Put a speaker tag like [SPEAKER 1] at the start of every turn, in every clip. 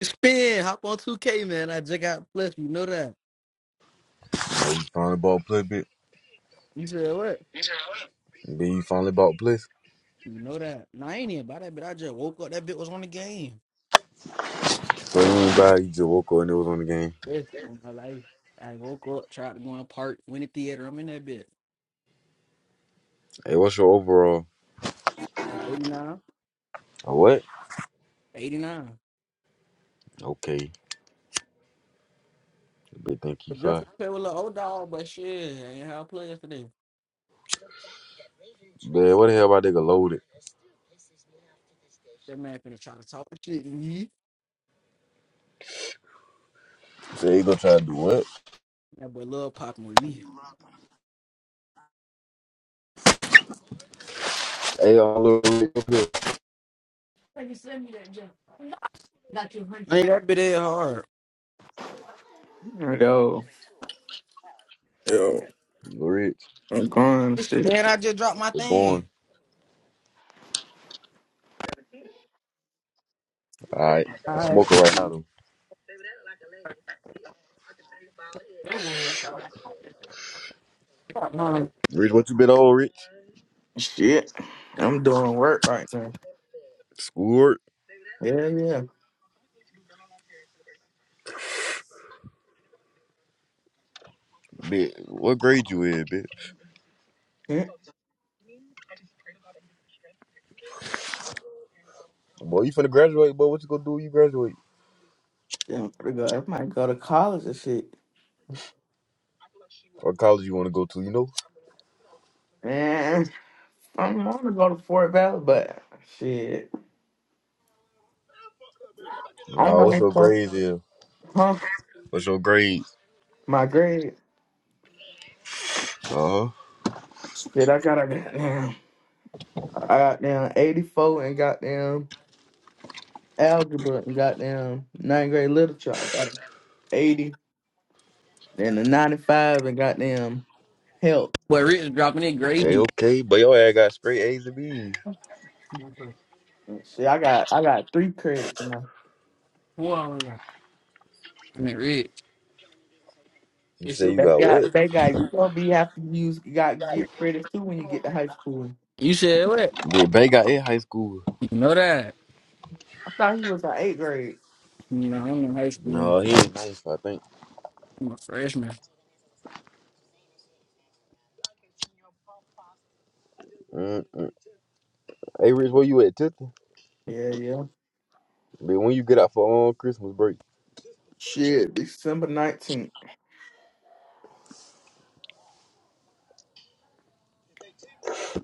[SPEAKER 1] Spin, hop on 2K, man. I just got plus. You know that.
[SPEAKER 2] Finally bought Bliss, bitch.
[SPEAKER 1] You said what?
[SPEAKER 2] Then you finally bought Bliss.
[SPEAKER 1] You know that. Nah, I ain't even about that bit. I just woke up. That bit was on the game.
[SPEAKER 2] So you ain't buy, you just woke up and it was on the game.
[SPEAKER 1] Yes, on my life. I woke up, tried to go in the park, went to theater. I'm in that bit.
[SPEAKER 2] Hey, what's your overall?
[SPEAKER 1] Uh, 89.
[SPEAKER 2] A what?
[SPEAKER 1] 89.
[SPEAKER 2] Okay. Big think he
[SPEAKER 1] But just
[SPEAKER 2] fine.
[SPEAKER 1] play with the old dog, but shit, I ain't how I play yesterday.
[SPEAKER 2] Man, what the hell about nigga loaded?
[SPEAKER 1] That man finna try to talk shit to me.
[SPEAKER 2] Say he gonna try to do what?
[SPEAKER 1] That boy love popping with me.
[SPEAKER 2] Hey, I'm Lil Rich, up here.
[SPEAKER 1] Like you send me that jump. Got you one hundred. Ain't that bit that hard.
[SPEAKER 3] Yo, Yo,
[SPEAKER 2] Lil Rich,
[SPEAKER 3] I'm gone, shit.
[SPEAKER 1] And I just dropped my
[SPEAKER 2] we're going.
[SPEAKER 1] thing.
[SPEAKER 2] Alright, I'm
[SPEAKER 1] All
[SPEAKER 2] smoking right now though.
[SPEAKER 1] right. Boy,
[SPEAKER 2] Rich, what you been on, Rich?
[SPEAKER 3] Shit. I'm doing work right now.
[SPEAKER 2] Schoolwork?
[SPEAKER 3] Yeah, yeah.
[SPEAKER 2] Bitch, what grade you in, bitch?
[SPEAKER 3] Shit.
[SPEAKER 2] Boy, you finna graduate, boy. What you gonna do when you graduate?
[SPEAKER 3] Yeah, I'm pretty good. I might go to college and shit.
[SPEAKER 2] What college you wanna go to, you know?
[SPEAKER 3] Man, I'm gonna go to Fort Valley, but shit. I don't
[SPEAKER 2] Nah, what's
[SPEAKER 3] know
[SPEAKER 2] your
[SPEAKER 3] what
[SPEAKER 2] grades in?
[SPEAKER 3] huh?
[SPEAKER 2] What's your grades?
[SPEAKER 3] My grade.
[SPEAKER 2] Uh huh.
[SPEAKER 3] Shit, I got a goddamn I got down eighty four and goddamn algebra and goddamn ninth grade literature. I got eighty and a ninety five and goddamn health.
[SPEAKER 1] Rich is dropping it
[SPEAKER 2] Okay,
[SPEAKER 1] gravy.
[SPEAKER 2] okay. But your ass got straight A's and B's.
[SPEAKER 1] I
[SPEAKER 3] See, I got I got three credits.
[SPEAKER 1] mean, Rich.
[SPEAKER 2] You say you
[SPEAKER 3] That
[SPEAKER 2] got
[SPEAKER 3] guy,
[SPEAKER 2] what?
[SPEAKER 3] that guy, you gonna be have to use got get credits too when you get to high school.
[SPEAKER 1] You said what?
[SPEAKER 2] Did Bay got in high school?
[SPEAKER 1] You know that.
[SPEAKER 3] I thought he was like eighth grade.
[SPEAKER 1] You know, I'm in high school.
[SPEAKER 2] No, he ain't nice, I think.
[SPEAKER 1] I'm a freshman.
[SPEAKER 2] Mm-mm. Hey, Rich, where you at, Tifton?
[SPEAKER 3] Yeah, yeah.
[SPEAKER 2] Man, when you get out for um, Christmas break?
[SPEAKER 3] Shit, December nineteenth.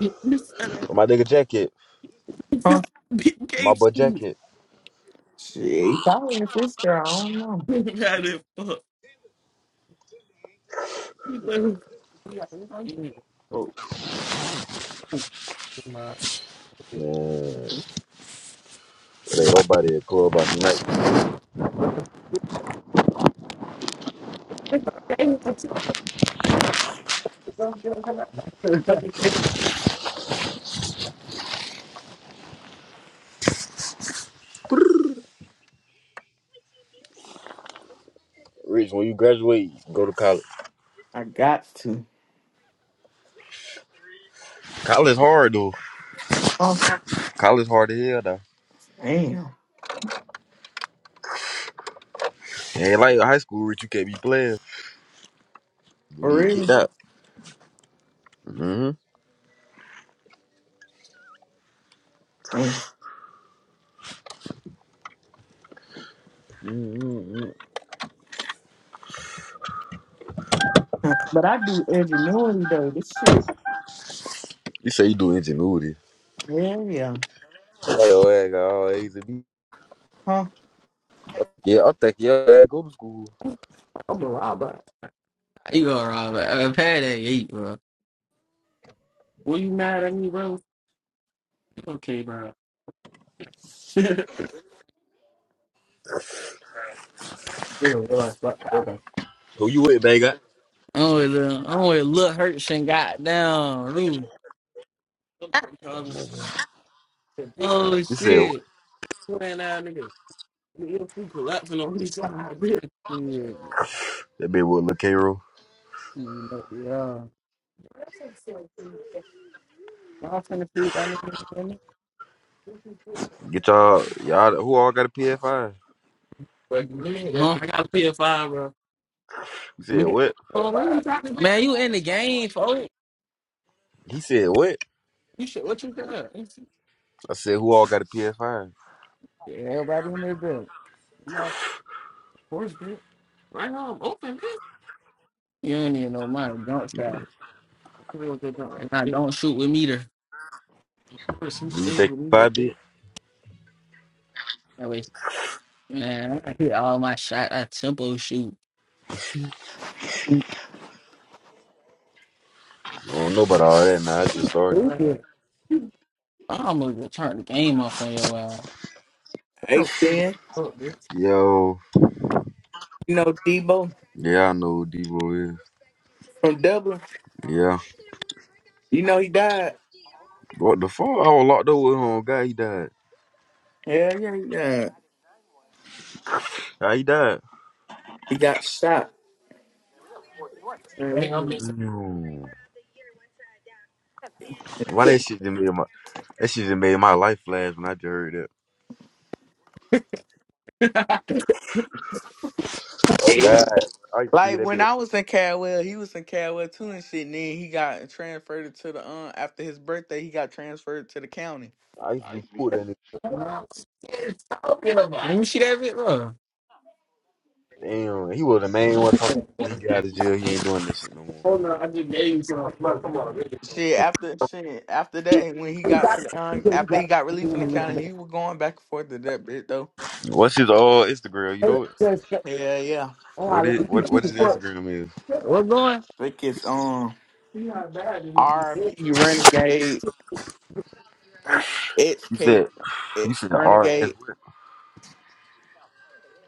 [SPEAKER 1] You said that.
[SPEAKER 2] With my nigga jacket.
[SPEAKER 3] Huh?
[SPEAKER 1] Big
[SPEAKER 2] With My
[SPEAKER 1] Gates.
[SPEAKER 2] butt jacket.
[SPEAKER 3] Shit, he probably in fifth grade. I don't know.
[SPEAKER 1] How the fuck? You know.
[SPEAKER 3] But
[SPEAKER 2] Man, it ain't nobody at club out tonight. Rich, when you graduate, go to college.
[SPEAKER 3] I got to.
[SPEAKER 2] College hard, though.
[SPEAKER 3] Huh?
[SPEAKER 2] College hard as hell, though.
[SPEAKER 3] Damn,
[SPEAKER 2] Ain't like high school, Rich, you can't be playing. You
[SPEAKER 3] for
[SPEAKER 2] get kicked
[SPEAKER 3] real.
[SPEAKER 2] out. Mm-hmm.
[SPEAKER 3] Thanks.
[SPEAKER 2] mm mm mm.
[SPEAKER 3] But I do ingenuity though. This shit.
[SPEAKER 2] You say you do ingenuity.
[SPEAKER 3] Yeah, yeah.
[SPEAKER 2] Hey, your ass got all A's and B's.
[SPEAKER 3] Huh?
[SPEAKER 2] Yeah, I'm thinking yeah, go to school.
[SPEAKER 1] I'm a robber. You gonna rob it? I'm a pad at eight, bro. Were you mad at me, bro? Okay, bro.
[SPEAKER 2] Who you with, baby?
[SPEAKER 1] Oh, it, uh, oh, it look hurt and got down. Ooh. Oh
[SPEAKER 2] You said what?
[SPEAKER 1] shit! Playing that nigga, nigga food collapsing on his side. bitch. Shit.
[SPEAKER 2] That bitch with Lil Cairo.
[SPEAKER 1] Mm, Yeah, y'all finna feed that nigga. man.
[SPEAKER 2] Get y'all y'all who all got a PS5?
[SPEAKER 1] Fuck, man. Huh? I got a P S 5 bro.
[SPEAKER 2] You said
[SPEAKER 1] Man,
[SPEAKER 2] what?
[SPEAKER 1] Oh, why you talking to me? Man, you in the game, folks.
[SPEAKER 2] He said what?
[SPEAKER 1] You should. What you got? Yeah,
[SPEAKER 2] I said who all got a PS5?
[SPEAKER 1] everybody in there, bed. You got force, bitch. Right now, I'm open, bitch. You ain't even know my jump shot. real good bro. And I don't shoot with meter. Of course, who
[SPEAKER 2] Do you
[SPEAKER 1] plays
[SPEAKER 2] think
[SPEAKER 1] with meter?
[SPEAKER 2] five
[SPEAKER 1] Bitch?
[SPEAKER 2] bit?
[SPEAKER 1] That way, man, I hit all my shot. I tempo shoot.
[SPEAKER 2] I don't know about all that now. I just started.
[SPEAKER 1] Okay. I'm gonna turn the game off on your ass.
[SPEAKER 3] Eight
[SPEAKER 1] That's a big
[SPEAKER 3] spin.
[SPEAKER 1] fuck, bitch.
[SPEAKER 2] Yo,
[SPEAKER 3] You know Debo
[SPEAKER 2] yeah, I know who Debo is.
[SPEAKER 3] from Dublin.
[SPEAKER 2] Yeah.
[SPEAKER 3] You know he died.
[SPEAKER 2] What the fuck? I was locked up with him. oh, God, he died.
[SPEAKER 3] Yeah, yeah, yeah. He died.
[SPEAKER 2] How he died?
[SPEAKER 3] He got shot.
[SPEAKER 1] Hey, I'm just-
[SPEAKER 2] Mm. Why that shit just made my that shit just made my life flash when I just heard that. Oh God, I used to be
[SPEAKER 3] Like
[SPEAKER 2] that
[SPEAKER 3] when
[SPEAKER 2] bitch.
[SPEAKER 3] I was in Caldwell, he was in Caldwell too and shit. And then he got transferred to the um after his birthday, he got transferred to the county.
[SPEAKER 2] I used to be cool then.
[SPEAKER 1] Yes, talking about. Let me see that bit, bro.
[SPEAKER 2] Damn, he was the main one talking when he got out of jail. He ain't doing this shit no more.
[SPEAKER 1] Hold on, I just gave you some. Come on, come on. baby.
[SPEAKER 3] Shit after shit after that, when he
[SPEAKER 1] You
[SPEAKER 3] got to
[SPEAKER 1] got it.
[SPEAKER 3] the
[SPEAKER 1] You
[SPEAKER 3] um after he
[SPEAKER 1] got it.
[SPEAKER 3] got
[SPEAKER 1] You
[SPEAKER 3] relief in the
[SPEAKER 1] got
[SPEAKER 3] county, he
[SPEAKER 1] it.
[SPEAKER 3] was going back and forth to that bit though.
[SPEAKER 2] What's his old Instagram? You
[SPEAKER 1] Hey,
[SPEAKER 2] know it?
[SPEAKER 1] yes, yes.
[SPEAKER 3] Yeah, yeah.
[SPEAKER 1] Oh, I
[SPEAKER 2] What
[SPEAKER 1] like
[SPEAKER 2] is
[SPEAKER 1] you.
[SPEAKER 2] what
[SPEAKER 1] Shoot
[SPEAKER 2] what
[SPEAKER 1] the
[SPEAKER 2] his
[SPEAKER 1] fuck.
[SPEAKER 2] Instagram is?
[SPEAKER 1] What's going?
[SPEAKER 3] I Think it's um
[SPEAKER 1] See how bad it
[SPEAKER 3] R.P. Renegade,
[SPEAKER 1] is.
[SPEAKER 3] X
[SPEAKER 2] You
[SPEAKER 3] K
[SPEAKER 2] said
[SPEAKER 3] eh,
[SPEAKER 2] you said RS
[SPEAKER 3] Renegade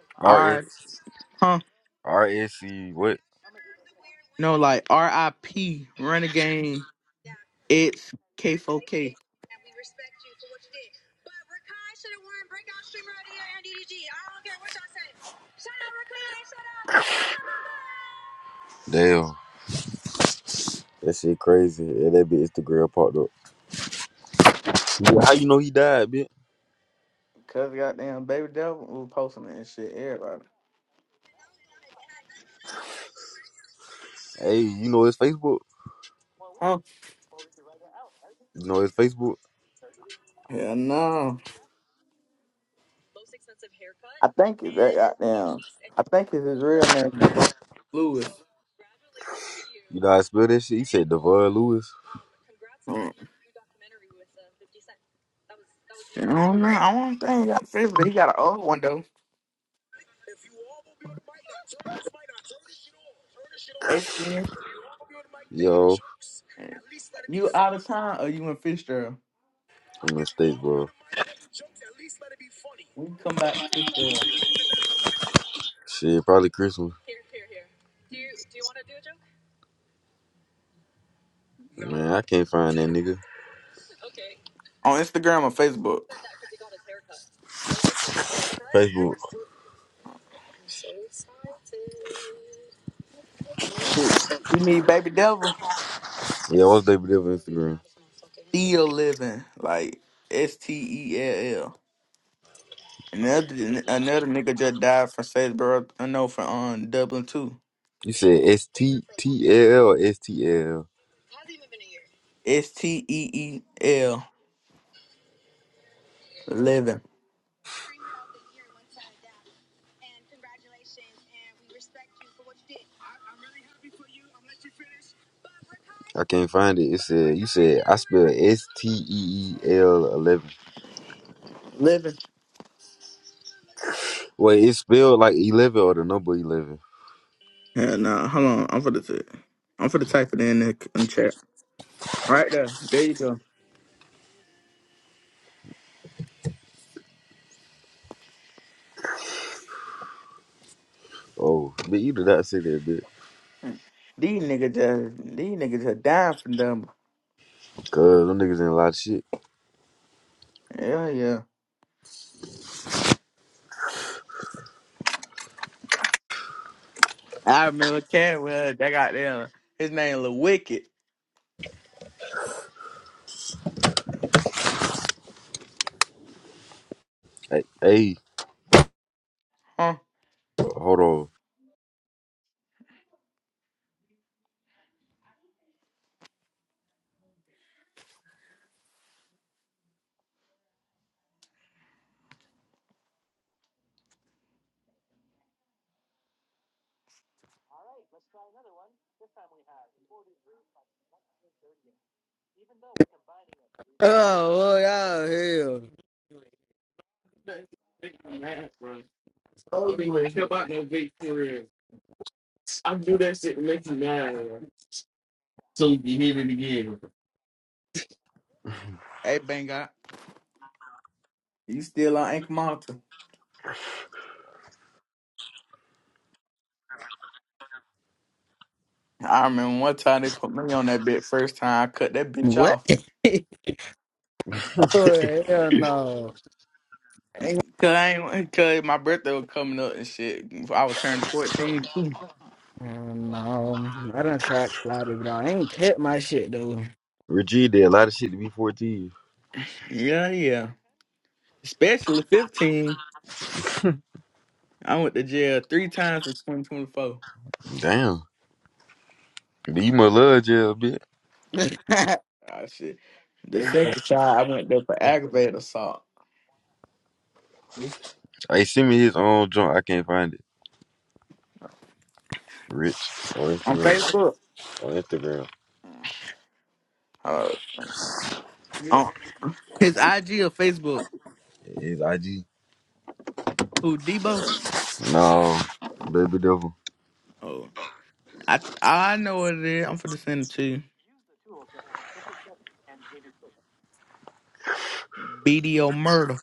[SPEAKER 2] what?
[SPEAKER 3] R.
[SPEAKER 2] RS
[SPEAKER 3] Huh?
[SPEAKER 2] what?
[SPEAKER 3] No, like R.I.P. Renegade X K4K.
[SPEAKER 2] Damn. That shit crazy. Yeah, that bitch Instagram popped up. Yeah, how you know he died, bitch?
[SPEAKER 3] Cause goddamn baby devil was posting it and shit. Everybody.
[SPEAKER 2] Hey, you know his Facebook?
[SPEAKER 3] Huh?
[SPEAKER 2] You know his Facebook?
[SPEAKER 3] Yeah, no. I think it's that goddamn. I think it's his real name, Devon Lewis.
[SPEAKER 2] You know how I spell that shit? He said Devon Lewis.
[SPEAKER 3] Mm, shit, I don't know. I don't think he got Fitz, but he got an old one though. ACM.
[SPEAKER 2] Yo,
[SPEAKER 3] You out of town or you in Fitzgerald?
[SPEAKER 2] I'm in mistake, bro.
[SPEAKER 3] We can come back to Fitzgerald.
[SPEAKER 2] Shit, probably Christmas. Man, I can't find that nigga.
[SPEAKER 3] On Instagram or Facebook.
[SPEAKER 2] Facebook.
[SPEAKER 3] Shit. You need baby devil.
[SPEAKER 2] Yeah, what's they believe on Instagram?
[SPEAKER 3] Still living. Like S T E L L. Another another nigga just died from Statesboro. I know from um Dublin too.
[SPEAKER 2] You said S T T L or S T L.
[SPEAKER 3] S T E E L. Living.
[SPEAKER 2] I can't find it. It said you said I spelled S T E E L eleven.
[SPEAKER 3] Living.
[SPEAKER 2] Wait, it's spelled like eleven or the number eleven.
[SPEAKER 3] Yeah, nah, hold on. I'm for the t- I'm for the type it in the, in the chat. Right there. There you go.
[SPEAKER 2] Oh, but you did not say that bitch.
[SPEAKER 3] These niggas just these niggas are dying for them.
[SPEAKER 2] Cause them niggas in a lot of shit.
[SPEAKER 3] Yeah, yeah. I remember Cadwell, that got them. His name Lil Wicked.
[SPEAKER 2] Hey, hey
[SPEAKER 3] Huh?
[SPEAKER 2] hold on.
[SPEAKER 1] Oh, well, y'all hell. Mad, bro. Told you ain't care about no big career. I do that shit to make you mad, bro. So you can hear it again.
[SPEAKER 3] Hey Bang You still on Anchor Monitor. I remember one time they put me on that bitch. first time I cut that bitch
[SPEAKER 1] What?
[SPEAKER 3] off.
[SPEAKER 1] oh, hell no. Ain't,
[SPEAKER 3] Cause I ain't, cause my birthday was coming up and shit. I was turning fourteen.
[SPEAKER 1] hell no. I done tried to slide it, but I ain't cut my shit, though.
[SPEAKER 2] Reggie did a lot of shit to be fourteen.
[SPEAKER 3] Yeah, yeah. Especially 15. I went to jail three times in 2024.
[SPEAKER 2] Damn. But you must love jail bitch. bit.
[SPEAKER 3] Ah, shit. The second time I went there for aggravated assault
[SPEAKER 2] Hey, send me his own joint. I can't find it. Rich on
[SPEAKER 3] on
[SPEAKER 2] Instagram.
[SPEAKER 3] Facebook.
[SPEAKER 2] On Instagram.
[SPEAKER 3] Uh,
[SPEAKER 1] Go to
[SPEAKER 3] on his IG or Facebook.
[SPEAKER 2] His IG.
[SPEAKER 3] Who, Debo?
[SPEAKER 2] No. Baby devil.
[SPEAKER 3] Oh, I I know what it is. I'm finna send it to you. BDO murder.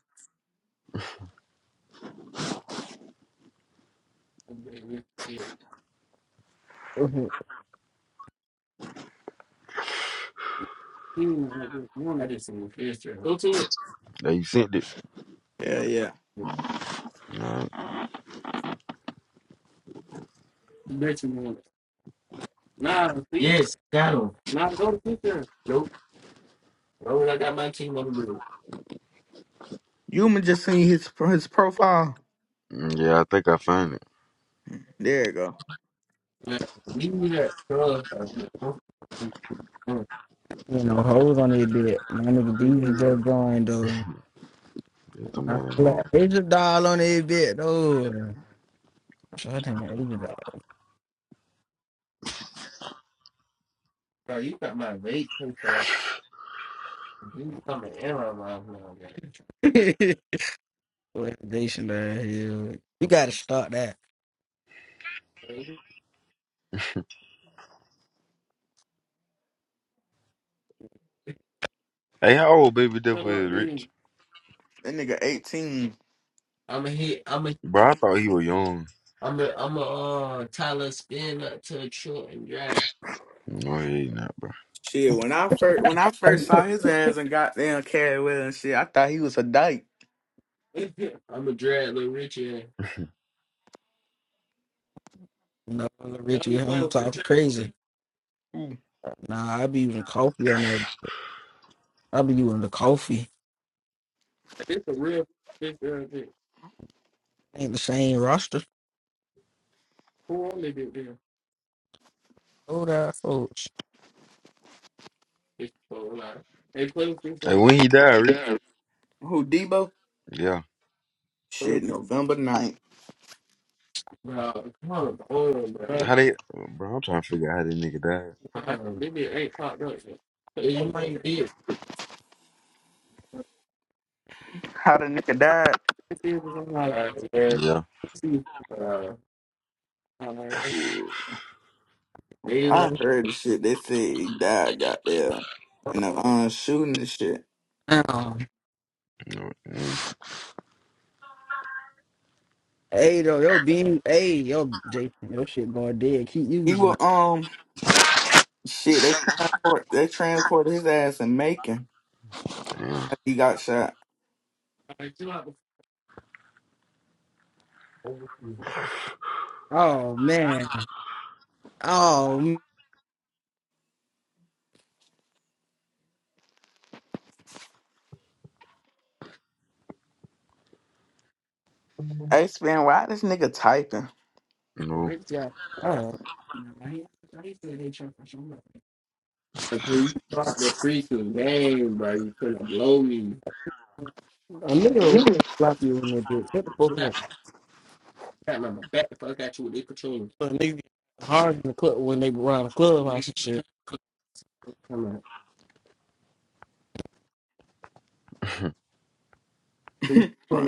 [SPEAKER 1] it.
[SPEAKER 2] They sent it.
[SPEAKER 3] Yeah, yeah.
[SPEAKER 2] Alright.
[SPEAKER 1] Bitch, you want it. Nah, see, Yes, got him. nah, go to future. Nope. Why would I got my team on the do
[SPEAKER 3] You
[SPEAKER 1] it?
[SPEAKER 3] Human just seen his his profile.
[SPEAKER 2] Mm, Yeah, I think I found it.
[SPEAKER 3] There you go.
[SPEAKER 1] Nah, Leave me that, bro. You know, hoes on their bit. My nigga Beezy just joined though.
[SPEAKER 2] There's somebody in the
[SPEAKER 1] Asia doll on their bit though. So I think Asia doll. Bro, you got my vape taste like you coming in my mouth now, man. Validation there, hell. You gotta stop that. Shut
[SPEAKER 2] Hey, how old Baby Devil
[SPEAKER 1] up,
[SPEAKER 2] is,
[SPEAKER 1] dude.
[SPEAKER 2] Rich?
[SPEAKER 3] That nigga 18.
[SPEAKER 1] I'm a hit. I'm
[SPEAKER 2] Bro, I thought he was young.
[SPEAKER 1] I'm a I'm a uh Tyler spin up to a short and drag.
[SPEAKER 2] No, he ain't not, bro.
[SPEAKER 3] Shit, when I first when I first saw his ass and got down carried with and shit, I thought he was a dyke.
[SPEAKER 1] I'm a drag little Richie. No, Richie, you don't talk crazy.
[SPEAKER 3] Mm.
[SPEAKER 1] Nah, I be using coffee on that. I be using the coffee. It's a real big girl bit. Ain't the same roster. Who only did there? Hold out, folks. It's so loud. Hey, play with this
[SPEAKER 2] Hey,
[SPEAKER 1] girl.
[SPEAKER 2] when he died, Rich?
[SPEAKER 3] Who Debo?
[SPEAKER 2] Yeah.
[SPEAKER 1] Play
[SPEAKER 3] Shit,
[SPEAKER 1] with this
[SPEAKER 3] November ninth.
[SPEAKER 1] girl. Come on, oh man.
[SPEAKER 2] How they... Bro, I'm trying to figure out how this nigga died.
[SPEAKER 1] Maybe it ain't popped up yet. It might be.
[SPEAKER 3] How the nigga died?
[SPEAKER 1] It was on my life, man.
[SPEAKER 2] Yeah.
[SPEAKER 1] See, uh, all right.
[SPEAKER 3] Shit, I
[SPEAKER 1] Damn.
[SPEAKER 3] heard the shit. They said he died, goddamn, in the uh, shooting and shit.
[SPEAKER 1] Um,
[SPEAKER 2] No, mm,
[SPEAKER 1] hey, though, yo, beam, hey, yo, Jason, your shit going dead. Keep
[SPEAKER 3] He
[SPEAKER 1] using
[SPEAKER 3] was um shit. They transport they transported his ass in Macon
[SPEAKER 2] damn.
[SPEAKER 3] after he got shot.
[SPEAKER 1] it. Oh, man. Oh, man. Oh.
[SPEAKER 3] Hey, Spin, why this nigga typing?
[SPEAKER 2] No.
[SPEAKER 1] Okay, you blocked the freaking game, bro. You finna blow me. A nigga will
[SPEAKER 3] nigga
[SPEAKER 1] block you in the dick. Get the fuck out. Got my back the fuck at you with their controller. But nigga get hard in the club when they run the club and shit. Come on.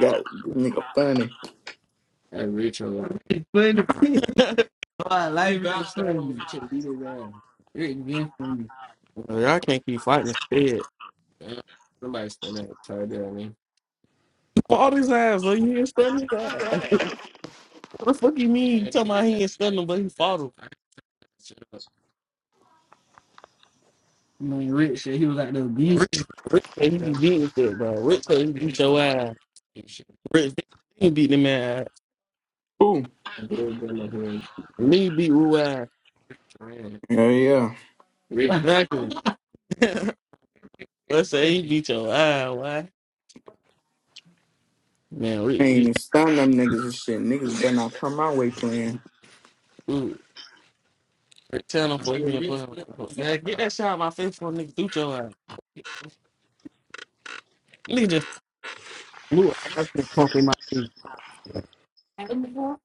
[SPEAKER 3] got this nigga funny.
[SPEAKER 1] Hey, Rachel. It's funny. oh, I like that. It's Funny. Rachel beat his ass. Rick being funny. Well, y'all can't keep fighting instead. Damn, Somebody standing up tight there, man. He fought his ass, so he ain't stunned his ass. what the fuck you mean? You talking about he ain't stunned him, but he fought him. Man, Rich said he was out there beating. Rich, Rick said he be beating shit, bro. Rich, said he beat your ass. Rich, he beat the man ass.
[SPEAKER 3] Ooh,
[SPEAKER 1] Me beat Ruai.
[SPEAKER 3] yeah, yeah.
[SPEAKER 1] Rick. Exactly. Let's say he beat your eye. Why? Man,
[SPEAKER 3] I
[SPEAKER 1] Rick
[SPEAKER 3] ain't
[SPEAKER 1] beat
[SPEAKER 3] even stun them niggas and shit. Niggas better not come my way playing.
[SPEAKER 1] you. Rick, tell him for you and put him. Man, get that shit out of my face for a nigga through your eye. Nigga just blew a ass and pump in my face. Man,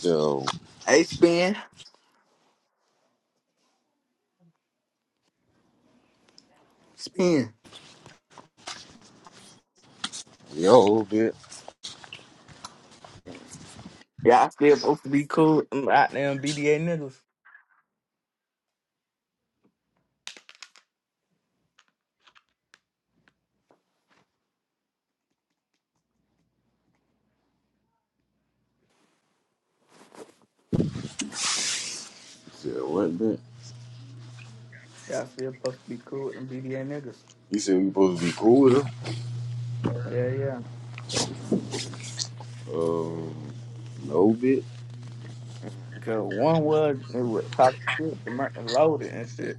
[SPEAKER 2] Yo,
[SPEAKER 3] Hey, Spin, Spin.
[SPEAKER 2] yo, bit.
[SPEAKER 3] Y'all still supposed to be cool with them goddamn BDA niggas.
[SPEAKER 2] Said what, bit?
[SPEAKER 3] Y'all still supposed to be cool with them BDA niggas.
[SPEAKER 2] You said we supposed to be cool with him?
[SPEAKER 3] Yeah, yeah.
[SPEAKER 2] Uh, no, bit.
[SPEAKER 3] Cause one was it was talk shit to Merton loaded and shit.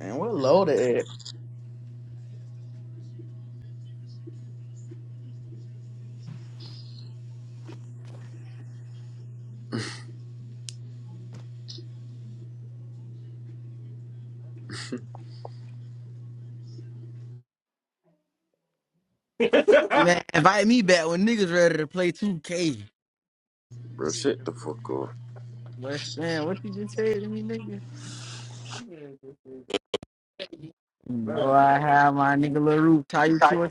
[SPEAKER 3] Man, we're loaded at.
[SPEAKER 1] invite me back when niggas ready to play 2K.
[SPEAKER 2] Bro, shut the fuck up.
[SPEAKER 1] But man, what you just said to me, nigga? Bro, I have my nigga Lil Roof tie
[SPEAKER 3] It's
[SPEAKER 1] you
[SPEAKER 3] Like,
[SPEAKER 1] to a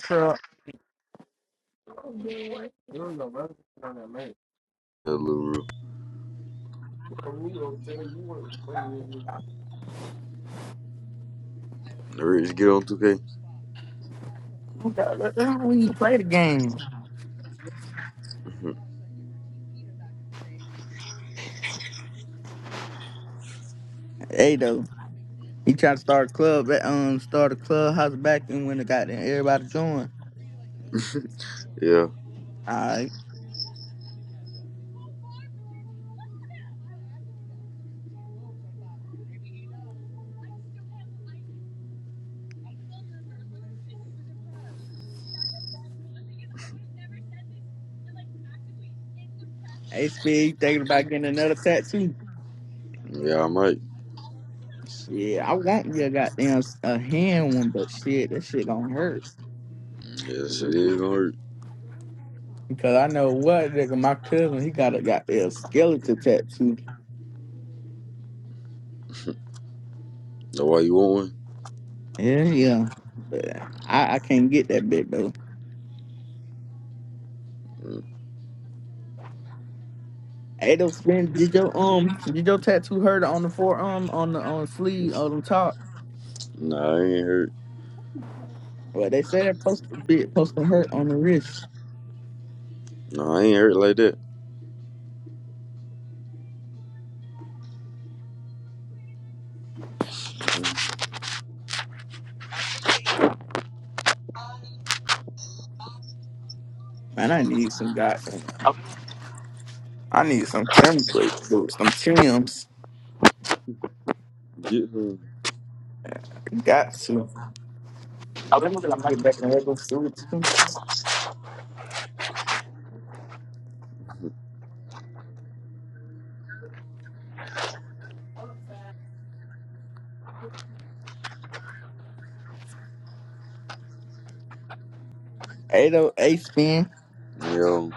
[SPEAKER 2] That little real.
[SPEAKER 1] truck.
[SPEAKER 2] Rich, get on 2K.
[SPEAKER 3] we gotta- we need to play the game. Hey though. He tried to start a club at um start a clubhouse back and when it got there, everybody joined.
[SPEAKER 2] yeah,
[SPEAKER 3] Alright. Hey Speed, you thinking about getting another tattoo.
[SPEAKER 2] yeah, I might.
[SPEAKER 3] Shit, I want you a goddamn s- a hand one, but shit, that shit gonna hurt.
[SPEAKER 2] Yeah, shit is gonna hurt.
[SPEAKER 3] Because I know what nigga, my cousin, he got a goddamn skeleton tattoo.
[SPEAKER 2] That's why you want
[SPEAKER 3] Yeah, yeah. But I, I can't get that big though.
[SPEAKER 2] one? Mm,
[SPEAKER 3] Hey, those spin, did your um, did your tattoo hurt on the forearm, on the on the sleeve, on the top?
[SPEAKER 2] Nah, I ain't hurt.
[SPEAKER 3] Well, they said it's supposed to be supposed to hurt on the wrist.
[SPEAKER 2] Nah, I ain't hurt like that.
[SPEAKER 3] Man, I need some goddamn. I need some Tim breaks, dude. Some Tim's.
[SPEAKER 2] Get me.
[SPEAKER 3] Got to. Get back in the regular suits. Hey, though, hey, spin.
[SPEAKER 2] Yo,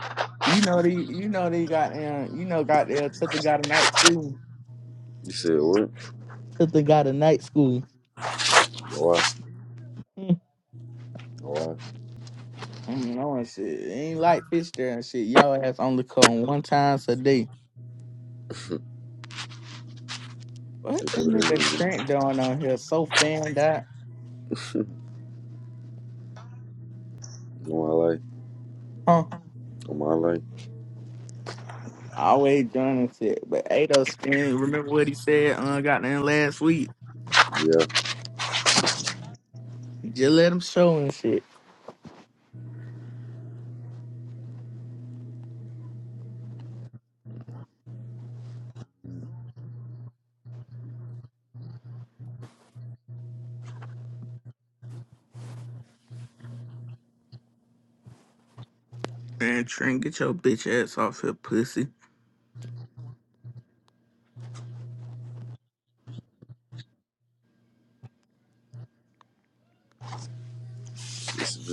[SPEAKER 3] You know the, you know they got, you know, got there. Tilda got a night too.
[SPEAKER 2] you said what?
[SPEAKER 3] sister got a night school.
[SPEAKER 2] Why?
[SPEAKER 3] Hmm.
[SPEAKER 2] Why?
[SPEAKER 3] I don't know and shit. It ain't like fish there and shit. Y'all has only come one times a day.
[SPEAKER 2] They
[SPEAKER 3] What that
[SPEAKER 2] do it
[SPEAKER 3] nigga Trent doing on here? So fanned out.
[SPEAKER 2] on my life.
[SPEAKER 3] Huh?
[SPEAKER 2] On my life.
[SPEAKER 3] Always doing this shit. But Ado spin, remember what he said uh goddamn last week?
[SPEAKER 2] Yeah.
[SPEAKER 3] Just let him show and shit. Man, Trent, get your bitch ass off here, pussy.
[SPEAKER 2] This is